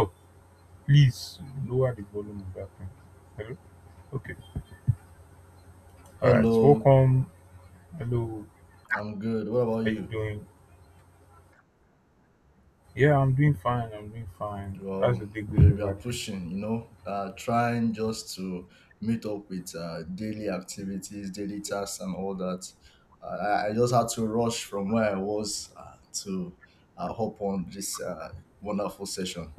Oh, please lower the volume of that thing. Hello? Okay. All right. Hello, Welcome. Hello. I'm good. What about How you you? doing? Yeah, I'm doing fine. I'm doing fine. How's Well, the day we, going we are over there? pushing, trying just to meet up with daily activities, daily tasks, and all that. I just had to rush from where I was to hop on this wonderful session.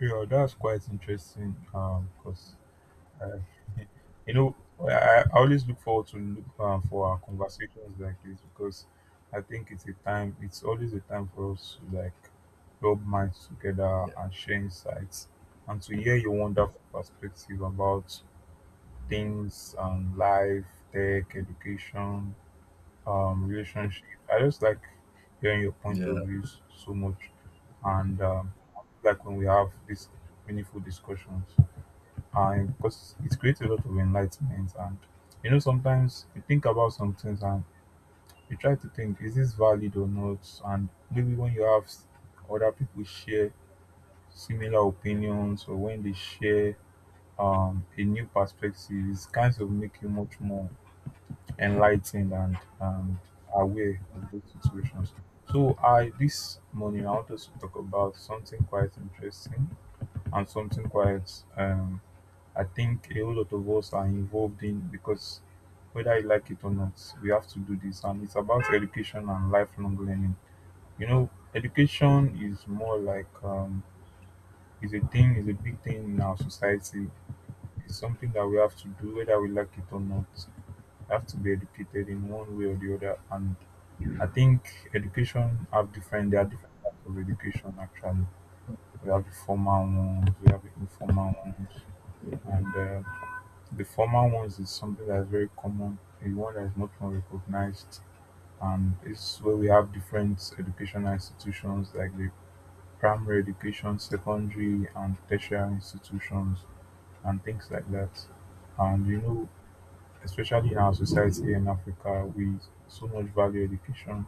Yeah, that's quite interesting. Because uh, you know, I always look forward to look for our conversations like this because I think it's a time. It's always a time for us to like rub minds together Yeah, and share insights and to hear your wonderful perspective about things on life, tech, education, relationship. I just like hearing your point of yeah, views so much, and like when we have these meaningful discussions, and because it creates a lot of enlightenment. And you know, sometimes you think about some things and you try to think, is this valid or not? And maybe when you have other people share similar opinions or when they share a new perspective, it kind of make you much more enlightened and aware of those situations. So I this morning I want us to talk about something quite interesting and something quite um I think a whole lot of us are involved in because whether you like it or not, we have to do this, and it's about education and lifelong learning. You know, education is more like is a big thing in our society. It's something that we have to do whether we like it or not. We have to be educated in one way or the other, and I think education have different there are different types of education actually. We have the formal ones, we have the informal ones, and the formal ones is something that's very common, the one that is much more recognized, and it's where we have different educational institutions like the primary education, secondary, and tertiary institutions, and things like that. And you know, especially in our society in Africa, we so much value education.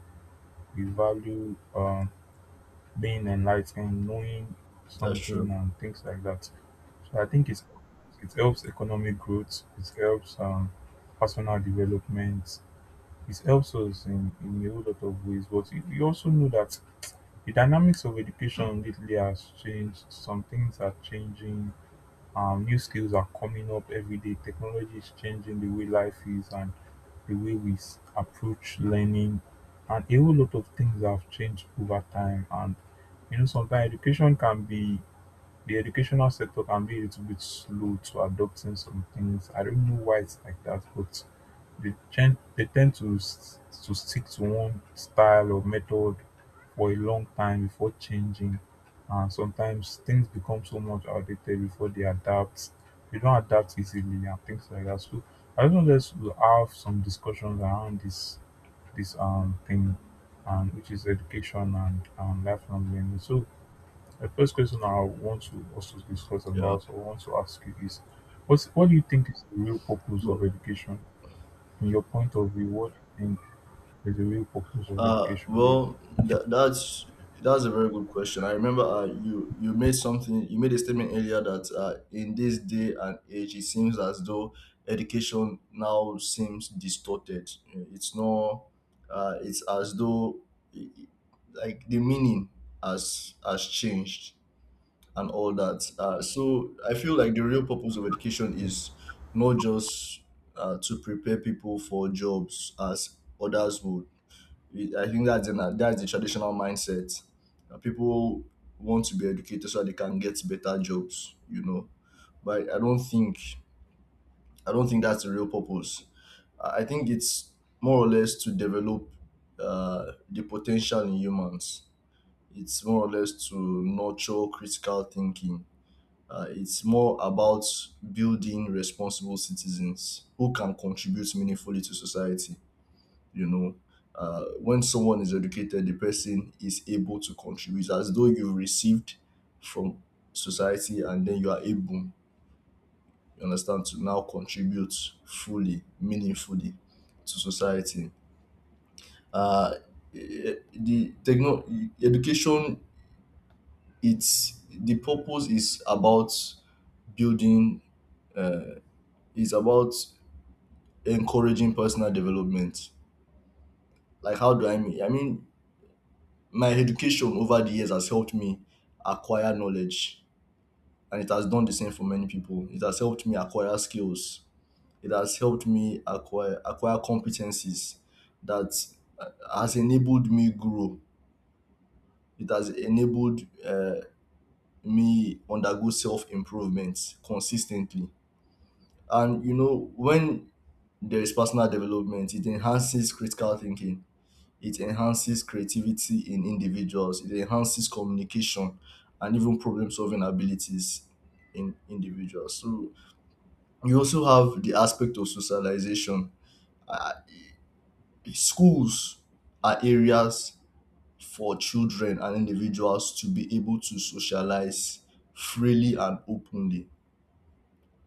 We value being enlightened, knowing that's something true. and things like that. So I think it helps economic growth, it helps personal development, it helps us in a whole lot of ways. But you also know that the dynamics of education lately has changed. Some things are changing, new skills are coming up every day. Technology is changing the way life is and the way we approach learning, and a whole lot of things have changed over time. And you know, sometimes education can be the educational sector can be a little bit slow to adopting some things. I don't know why it's like that, but they tend to stick to one style or method for a long time before changing. And sometimes things become so much outdated before they adapt. They don't adapt easily and things like that. So I just wanted us to have some discussions around this thing, and which is education and lifelong learning. So the first question I want to also discuss Yeah. about or want to ask you is, what do you think is the real purpose of Well, education? In your point of view, what do you think is the real purpose of Uh, education here? well, tha that's that's a very good question. I remember you made a statement earlier that in this day and age, it seems as though education now seems distorted. It's not. It's as though like the meaning has changed and all that. So I feel like the real purpose of education is not just to prepare people for jobs as others would I think that's the traditional mindset. People want to be educated so that they can get better jobs. But I don't think that's the real purpose. I think it's more or less to develop the potential in humans. It's more or less to nurture critical thinking. It's more about building responsible citizens who can contribute meaningfully to society. you know when someone is educated, the person is able to contribute. It's as though you've received from society, and then you are able, you understand, to now contribute fully, meaningfully to society. Uh, eh, the techno Education, it's the purpose is about building, is about encouraging personal development. Like how do i mean i mean my education over the years has helped me acquire knowledge, and it has done the same for many people. It has helped me acquire skills. It has helped me acquire competencies that uh, has enabled me grow. It has enabled me undergo self improvement consistently. And you know, when there is personal development, it enhances critical thinking. It enhances creativity in individuals, it enhances communication, and even problem solving abilities in individuals. So you also have the aspect of socialization. Uh, schools are areas for children and individuals to be able to socialize freely and openly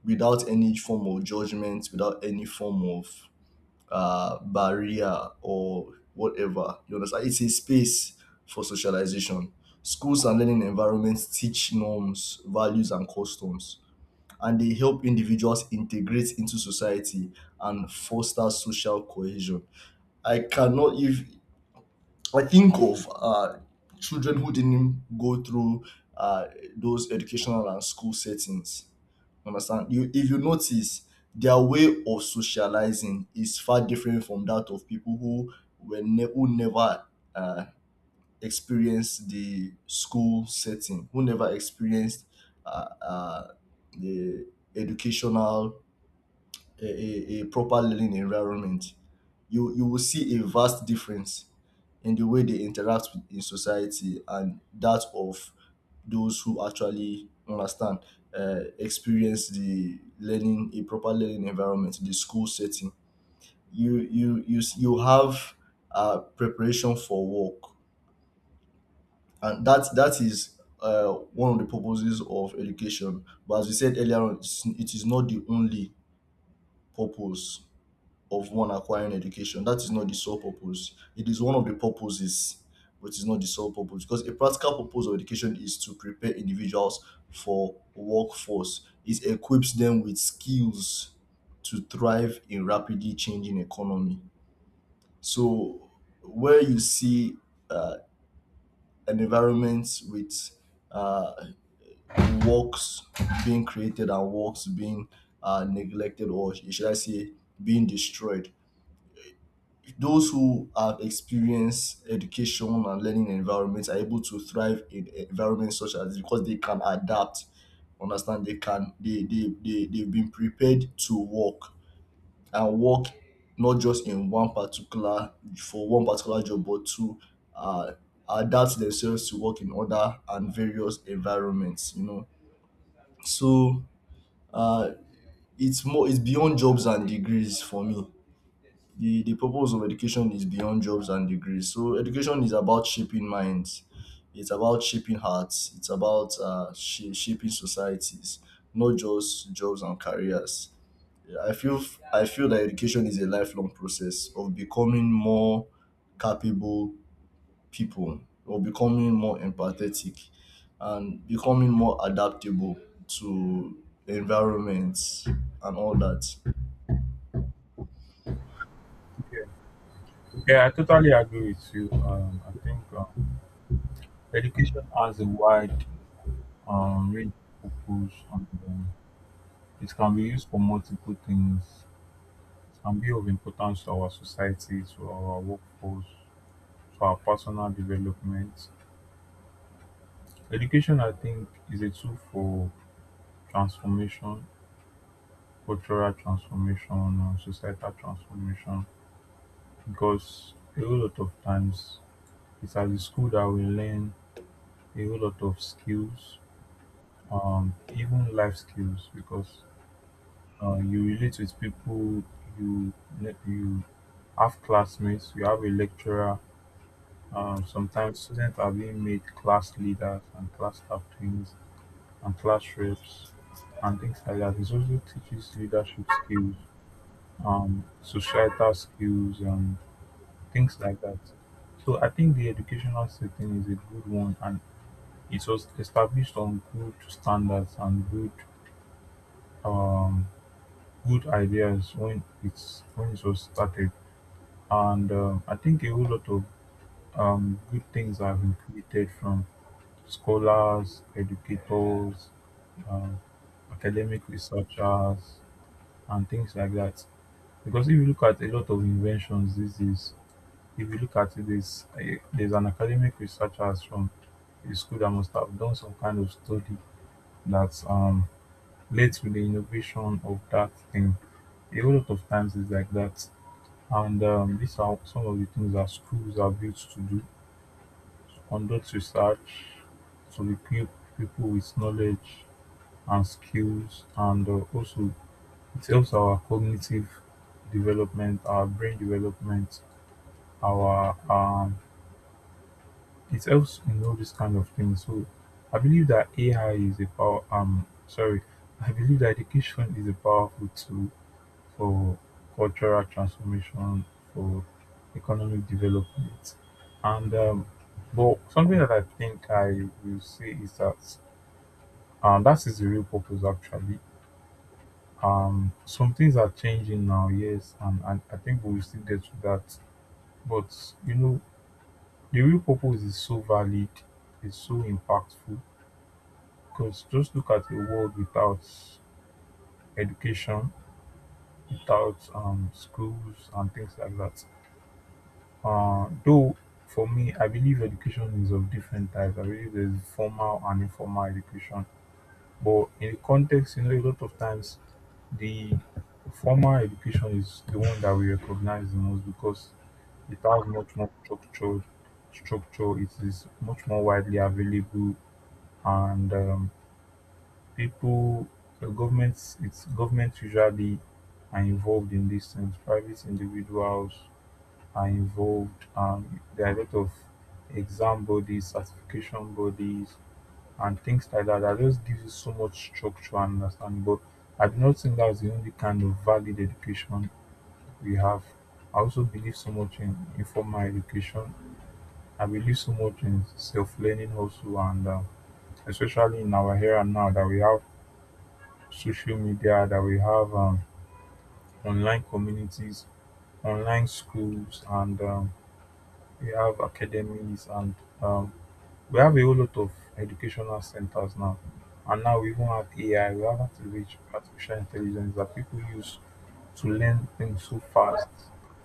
without any form of judgment, without any form of barrier or whatever. You understand? It's a space for socialization. Schools and learning environments teach norms, values, and customs, and they help individuals integrate into society and foster social cohesion. I cannot, if I think of children who didn't go through uh, those educational and school settings, understand, you, if you notice, their way of socializing is far different from that of people who who never uh, experienced the school setting, who never experienced uh, uh, the educational, a proper learning environment. You will see a vast difference in the way they interact with, in society, and that of those who actually understand, experience the learning, a proper learning environment, the school setting. You have preparation for work, and that is one of the purposes of education. But as we said earlier on, it is not the only purpose of one acquiring education. That is not the sole purpose. It is one of the purposes, but it's not the sole purpose. Because a practical purpose of education is to prepare individuals for workforce. It equips them with skills to thrive in rapidly changing economy. So where you see uh, an environment with uh, works being created and works being neglected, or should I say being destroyed. Those who have experienced education and learning environments are able to thrive in environments such as, because they can adapt, understand, they can they they've been prepared to work and work, not just in one particular, for one particular job, but to uh, adapt themselves to work in other and various environments, you know. So uh it's beyond jobs and degrees for me. The purpose of education is beyond jobs and degrees. So education is about shaping minds, it's about shaping hearts, it's about shaping societies, not just jobs and careers. I feel i feel that education is a lifelong process of becoming more capable people, or becoming more empathetic, and becoming more adaptable to environments and all that. Yeah, I totally agree with you. I think education has a wide range of purpose, and it can be used for multiple things. It can be of importance to our society, to our workforce, to our personal development. Education, I think, is a tool for transformation, cultural transformation, and societal transformation, because a whole lot of times it's at the school that we learn a whole lot of skills, even life skills, because you relate with people, you you have classmates, you have a lecturer. Sometimes students are being made class leaders and class captains and class reps and things like that. It also teaches leadership skills, societal skills, and things like that. So I think the educational setting is a good one, and it was established on good standards and good, um, good ideas when it was started, and I think a whole lot of good things have been created from scholars, educators, um, academic researchers, and things like that. Because if you look at a lot of inventions these days, if you look at it, there's an academic researcher from a school that must have done some kind of study that led to the innovation of that thing. A whole lot of times it's like that. And these are some of the things that schools are built to do: to conduct research, to equip people with knowledge and skills, and also it helps our cognitive development, our brain development, our it helps in all these kind of things. So I believe that AI is a power. Sorry, I believe that education is a powerful tool for cultural transformation, for economic development. And but something that I think I will say is that that is the real purpose actually. Some things are changing now, yes, and I think we will still get to that. But you know, the real purpose is so valid, it's so impactful because just look at a world without education, without schools and things like that. Though for me, I believe education is of different types. I believe there's formal and informal education. But in the context, you know, a lot of times the formal education is the one that we recognize the most because it has much more structure. Structure, it is much more widely available, and people, the governments, it's governments usually are involved in these things. Private individuals are involved. There are a lot of exam bodies, certification bodies, and things like that that just gives you so much structure and understanding. But I do not think that's the only kind of valid education we have. I also believe so much in informal education. I believe so much in self learning also, and especially in our era now that we have social media, that we have, online communities, online schools, and we have academies and um, we have a whole lot of educational centers now, and now we even have ai, we have artificial intelligence that people use to learn things so fast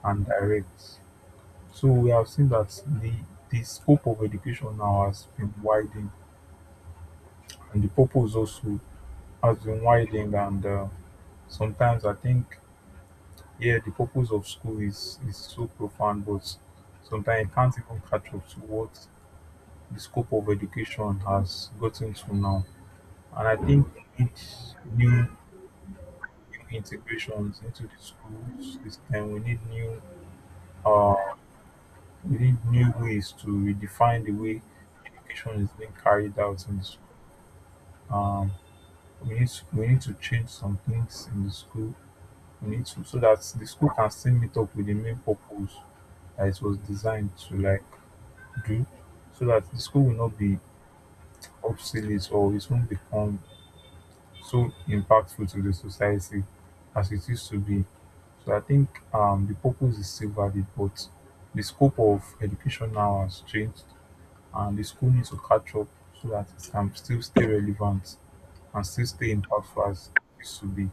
and direct. So we have seen that the the scope of education now has been widened, and the purpose also has been widened, and sometimes I think, yeah, the purpose of school is so profound, but sometimes it can't even catch up to what the scope of education has gotten to now. And I think we need new, new integrations into the school system. We need new, uh, we need new ways to redefine the way education is being carried out in the school. Um, we need to change some things in the school. We need to, so that the school can still meet up with the main purpose that it was designed to like do, so that the school will not be obsolete or it won't become so impactful to the society as it used to be. So I think, the purpose is still valid, but the scope of education now has changed, and the school needs to catch up so that it can still stay relevant and still stay impactful as it used to be.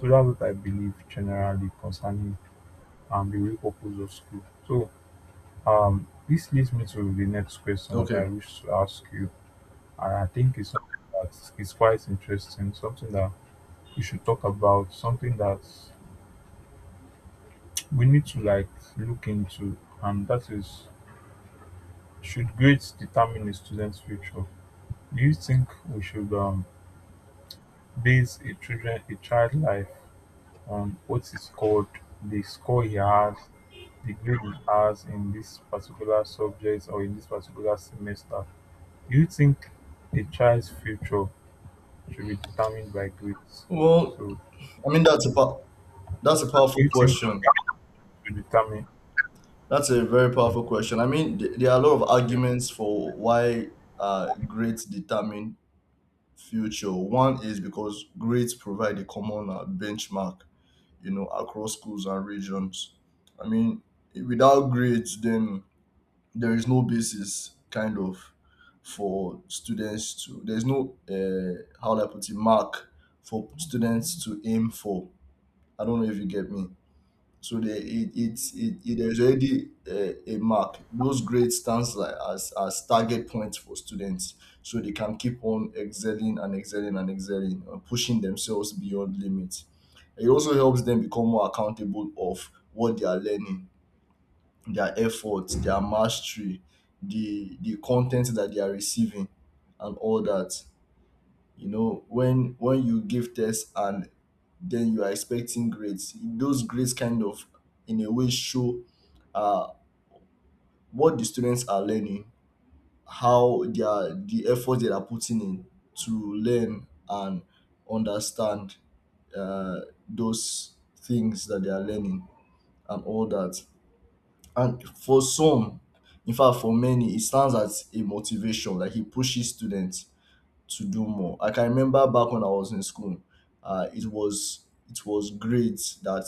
So that's what I believe generally concerning the real purpose of school. So this leads me to the next question that I Okay. wish to ask you, and I think it's something that is quite interesting, something that you should talk about, something that we need to like look into, and that is, should grades determine a student's future? Do you think we should base a child life on what is called the score he has, the grade he has in this particular subject or in this particular semester? Do you think a child's future should be determined by grades? well So, i mean that's um, about that's a do powerful you think question. to determine? That's a very powerful question. I mean, there are a lot of Yeah, arguments for why grades determine future. One is because grades provide a common benchmark, you know, across schools and regions. I mean, without grades, then there is no basis, kind of, for students to. There's no how do I put it, mark for students to aim for. I don't know if you get me. So the, it there's already a mark. Those grades stands like as target points for students, so they can keep on excelling and excelling and excelling, and pushing themselves beyond limits. It also helps them become more accountable of what they are learning, their efforts, their mastery, the content that they are receiving, and all that. You know, when you give tests and then you are expecting grades. Those grades kind of, in a way, show uh, what the students are learning, how they are, the effort they are putting in to learn and understand uh, those things that they are learning and all that. And for some, in fact, for many, it stands as a motivation. Like, it pushes students to do more. Like, I can remember back when I was in school, uh, it was it was grades that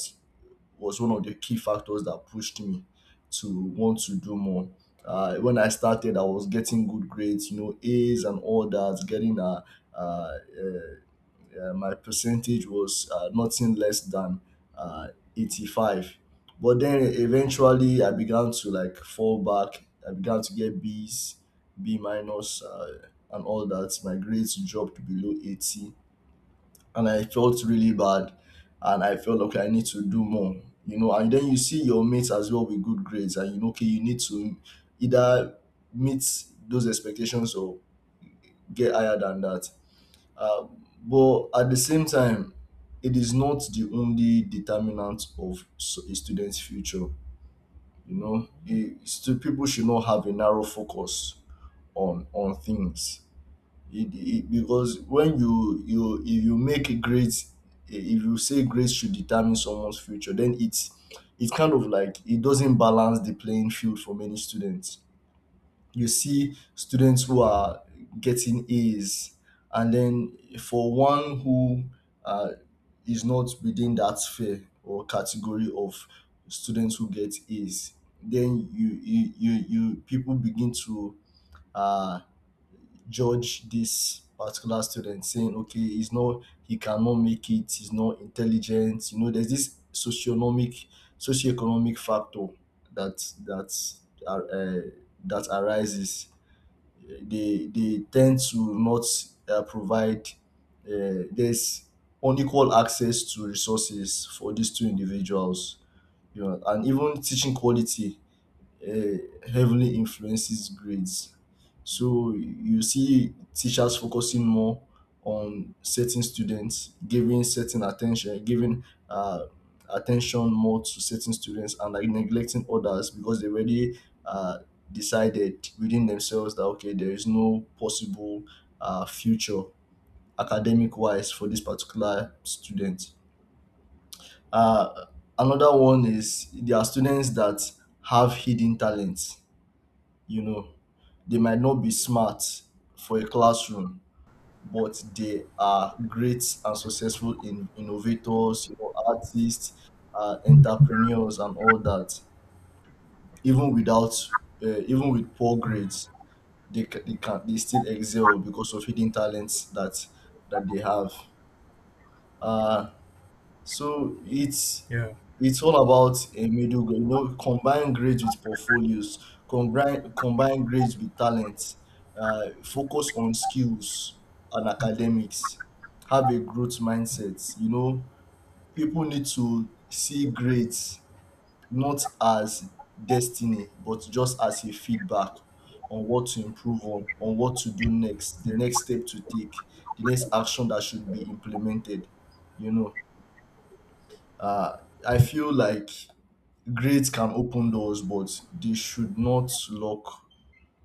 was one of the key factors that pushed me to want to do more. When I started, I was getting good grades, you know, A's and all that. Getting uh, uh, my percentage was nothing less than uh, 85. But then eventually, I began to like fall back. I began to get B's, B minus, and all that. My grades dropped below 80 and I felt really bad. And I felt, okay, I need to do more. And then you see your mates as well with good grades, and you know, okay, you need to either meet those expectations or get higher than that. Uh, but at the same time, it is not the only determinant of a student's future. You know, people should not have a narrow focus on things, because when you, if you say grades should determine someone's future, then it's kind of like it doesn't balance the playing field for many students. You see students who are getting A's, and then for one who uh, is not within that sphere or category of students who get A's, then you people begin to uh judge this particular student, saying, okay, he cannot make it, he's not intelligent. You know, there's this socioeconomic factor that that are uh, that arises. They tend to not provide, there's unequal access to resources for these two individuals, you know. And even teaching quality uh, heavily influences grades. So you see teachers focusing more on certain students, giving certain attention, giving uh, attention more to certain students and like neglecting others, because they already uh, decided within themselves that, okay, there is no possible future academic wise for this particular student. Uh, another one is, there are students that have hidden talents. You know, they might not be smart for a classroom, but they are great and successful in innovators, you know, artists, entrepreneurs, and all that. Even without uh, even with poor grades, they, ca- they can they still excel because of hidden talents that they have. uh So it's yeah, it's all about a middle ground. You know, combine grades with portfolios, combine grades with talents, focus on skills and academics. Have a growth mindset. You know, people need to see grades not as destiny, but just as a feedback on what to improve on what to do next, the yeah. next step to take, the next action that should be implemented. You know. Uh, I feel like grades can open doors, but they should not lock.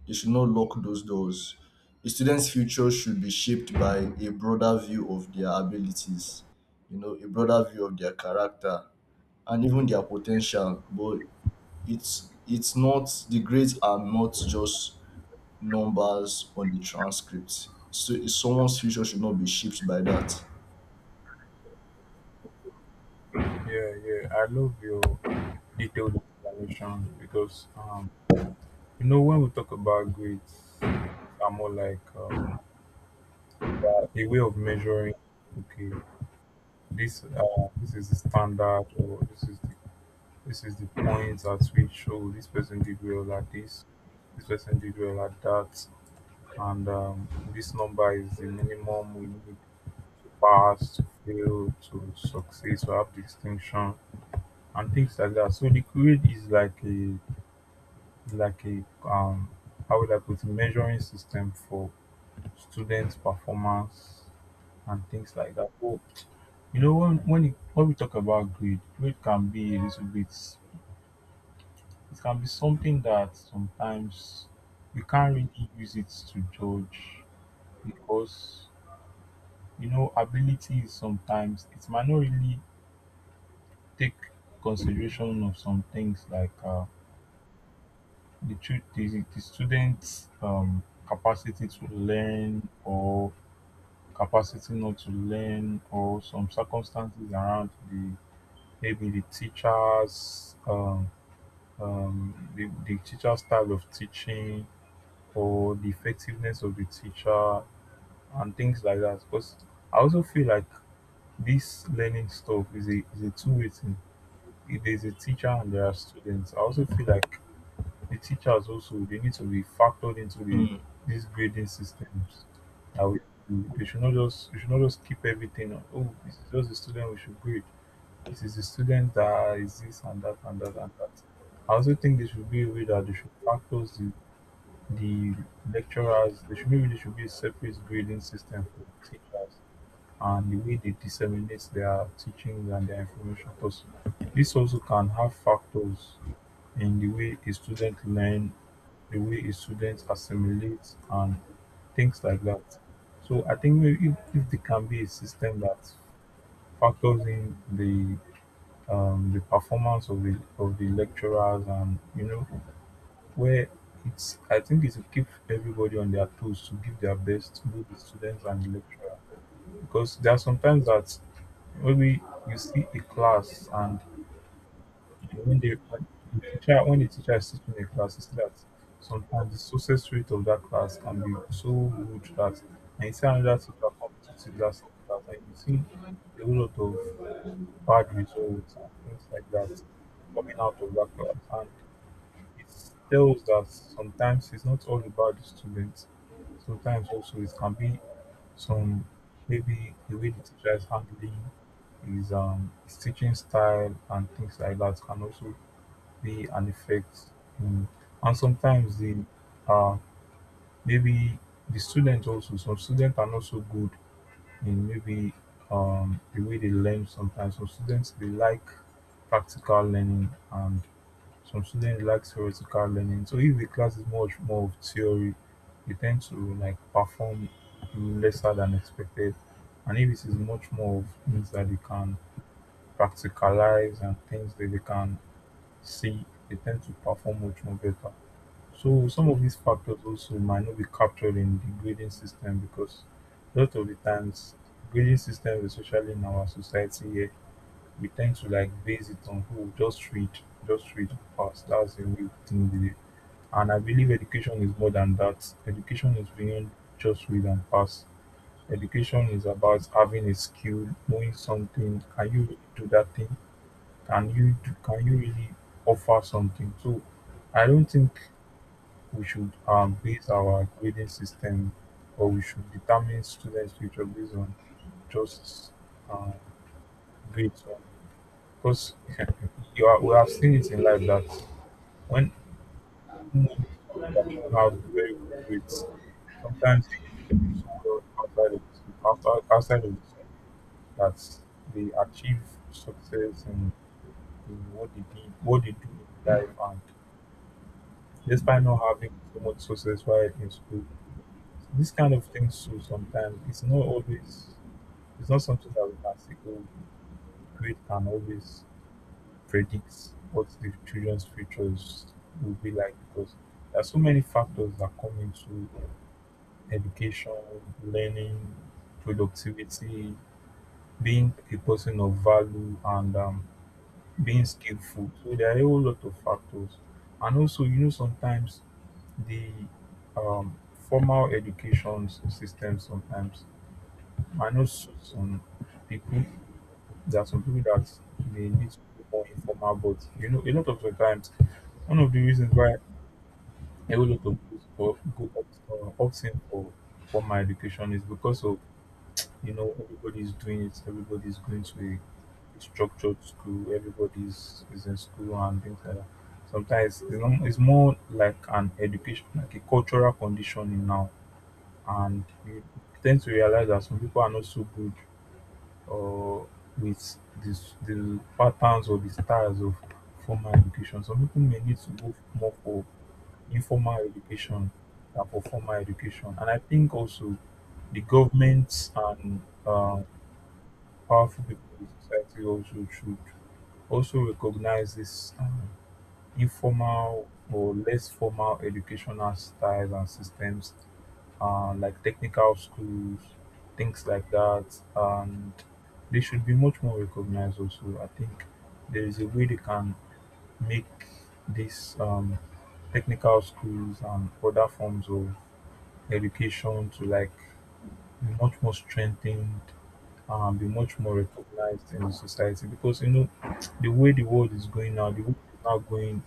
They should not lock those doors. A student's future should be shaped by a broader view of their abilities, you know, a broader view of their character and even their potential. But it's not the grades are not just numbers on the transcript. So someone's future should not be shaped by that. Yeah, yeah. I love your detailed explanation because you know, when we talk about grades, grades are more like a way of measuring. Okay, this is the standard, or this is the point at which, oh, this person did well at this, this person did well at that, and this number is the minimum we need to pass, to fail, to succeed, to have distinction, and things like that. So the grade is like a, like a um how would I put it, measuring system for students' performance and things like that. But when we talk about grade, grade can be a little bit, it can be something that sometimes you can't really use it to judge because you know ability is sometimes it might not really take consideration of some things like the, tru- the students capacity to learn or capacity not to learn or some circumstances around the, maybe the teacher's style of teaching or the effectiveness of the teacher and things like that. Because I also feel like this learning stuff is is a two-way thing. If there's a teacher and there are students, I also feel like the teachers also, they need to be factored into the, Hmm. these grading systems that we, they should not just, we should not just keep everything on, oh, this is just the student we should grade. This is the student that is this and that and that and that. I also think there should be a way that they should factor the lecturers, they should, maybe there should be a separate grading system for teachers and the way they disseminate their teachings and their information. Because this also can have factors in the way a student learn, the way a student assimilates and things like that. So I think maybe if there can be a system that factors in the performance of the lecturers, and you know where it's, I think it's to keep everybody on their toes to give their best, both the students and the lecturer. Because there are sometimes that maybe you see a class, and And when the when when the teacher is teaching a class, is that sometimes the success rate of that class can be so good that, and you see another teacher come to teach that same class and you see a whole lot of bad results and things like that coming out of that class. And it tells that sometimes it's not all about the students. Sometimes also it can be some, maybe the way the teacher is handling his teaching style and things like that can also be an effect. Mm. And sometimes the uh, maybe the student also, some students are not so good in maybe, the way they learn. Sometimes some students they like practical learning, and some students like theoretical learning. So if the class is much more of theory, they tend to like perform lesser than expected. And if it is much more of things that they can practicalize and things that they can see, they tend to perform much more better. So some of these factors also might not be captured in the grading system, because a lot of the times grading system, especially in our society here, we tend to like base it on who just read and pass. That's the way we think with it. And I believe education is more than that. Education is beyond just read and pass. Education is about having a skill, knowing something. Can you really do that thing? Can you really offer something? So I don't think we should base our grading system, or we should determine students' future based on just, um, grades. Because you are, we have seen it in life that when, even, students that don't have very good grades, sometimes they do so well outside of the school, outside of the school, that they achieve success in what they did, what they do in life, and despite not having so much success while in school. This kind of thing, so sometimes it's not always, it's not something that we can say, oh, grade can always predict what the children's futures will be like, because there are so many factors that come into education, learning, productivity, being a person of value, and being skillful. So there are a whole lot of factors. And also, you know, sometimes the, um, formal education systems sometimes, I know some people. There are some people that they need to be more informal. But you know, a lot of the times, one of the reasons why a whole lot of people opt in for formal education is because of, you know, everybody's doing it, everybody's going to a structured school, everybody's is in school and things like that. Sometimes it's not, it's more like an education, like a cultural conditioning now, and you tend to realize that some people are not so good, or with this, the patterns or the styles of formal education. Some people may need to go more for informal education than for formal education. And I think also the governments and powerful people in society also should also recognize this. Informal or less formal educational styles and systems, like technical schools, things like that. And they should be much more recognized also. I think there is a way they can make these technical schools and other forms of education to like be much more strengthened and be much more recognized in the society. Because you know, the way the world is going now, the world is now going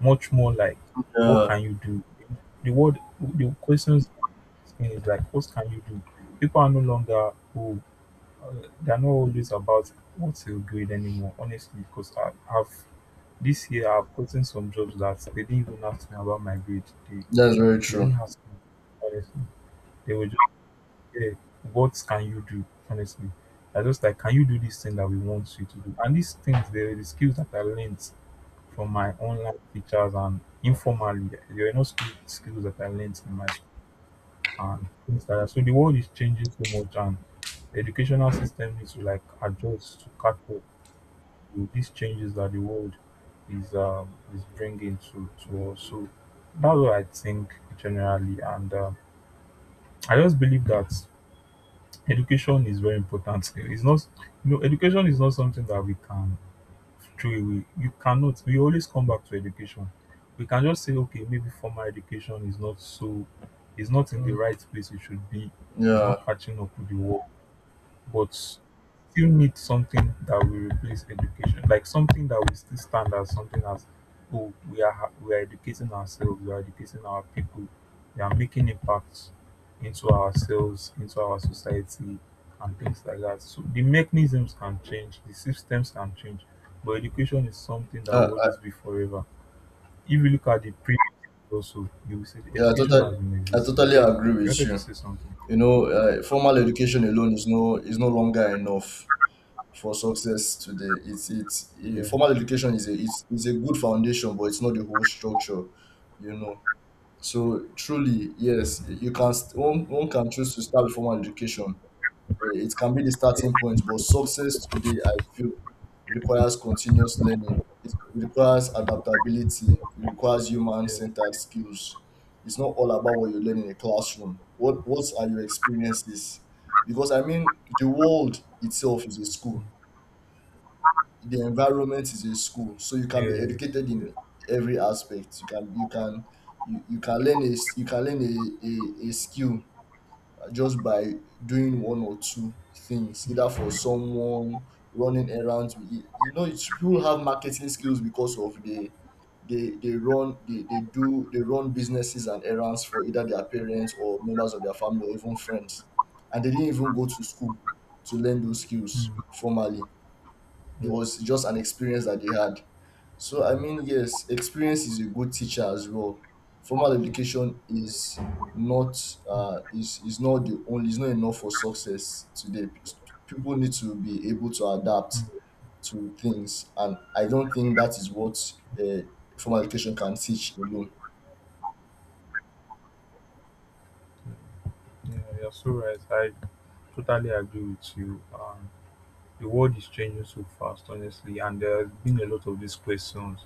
much more like, what Yeah, can you do? The word, the questions is like, what can you do? People are no longer, oh, uh, they're not always about what's your grade anymore, honestly, because I have, this year I've gotten some jobs that they didn't even ask me about my grade. They, that's very they true. didn't ask me, honestly. They were just there. What can you do, honestly? I just like, can you do this thing that we want you to do? And these things, they're the skills that I learned from my online teachers, and informally there were no school skills that I learned in my school and things like that. So the world is changing so much, and the educational system needs to like adjust to catch up with these changes that the world is bringing to us. So that's what I think generally. And I just believe that education is very important. It's not, you know, education is not something that we can throw away. You cannot. We always come back to education. We can just say, okay, maybe formal education is not so, is not in the Mm. right place it should be, it's Yeah. not catching up with the world, but still need something that will replace education, like something that will still stand as something, as, oh, we are we are educating ourselves, we are educating our people, we are making impacts into ourselves, into our society, and things like that. So the mechanisms can change, the systems can change, but education is something that Uh, will always be forever. If you look at the pre also, you will say the Yeah, education has been I existing. totally Yeah, agree you with wanted to you. say something. You know, formal education alone is no longer enough for success today. Yeah. Formal education is it's a good foundation, but it's not the whole structure. You know, so truly, yes, you can st- one, one can choose to start with formal education. It can be the starting point, but success today, I feel, requires continuous learning. It requires adaptability. It requires Yeah. human-centered skills. It's not all about what you learn in a classroom. What are your experiences? Because I mean, the world itself is a school. The environment is a school, so you can be Yes. educated in Yeah. every aspect. You can learn a skill just by doing one or two things, either for someone running errands. You know, it's people have marketing skills because of the they run they do they run businesses and errands for either their parents or members of their family or even friends. And they didn't even go to school to learn those skills Hmm. formally. It Yeah. was just an experience that they had. So I mean, Mm, yes, experience is a good teacher as well. Formal education is not, mm, is not the only, is not enough for success today. People need to be able to mm. adapt Mm, to things, and I don't think that is what uh, formal education can teach alone. mm. Yeah, you're so right. I totally agree with you. The world is changing so fast, honestly, and there's been a lot of these questions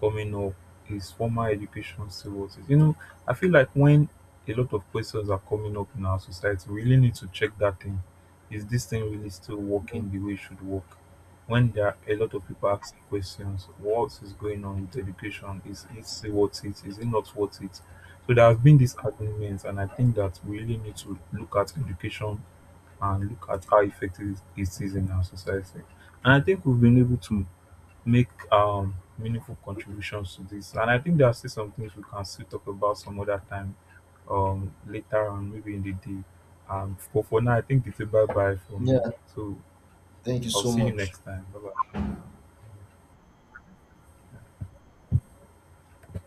coming up. Is formal education still what is? You know, I feel like when a lot of questions are coming up in our society, we really need to check that thing. Is this thing really still working the way it should work? When there are a lot of people asking questions, what is going on with education? Is it still worth it? Is it not worth it? So there has been these arguments, and I think that we really need to look at education and look at how effective it is in our society. And I think we've been able to make meaningful contributions to this. And I think there are still some things we can still talk about some other time, later on, maybe in the day. But for now, I think it's a bye bye for me. Yeah, So thank you I'll so see you much. next time. Bye bye.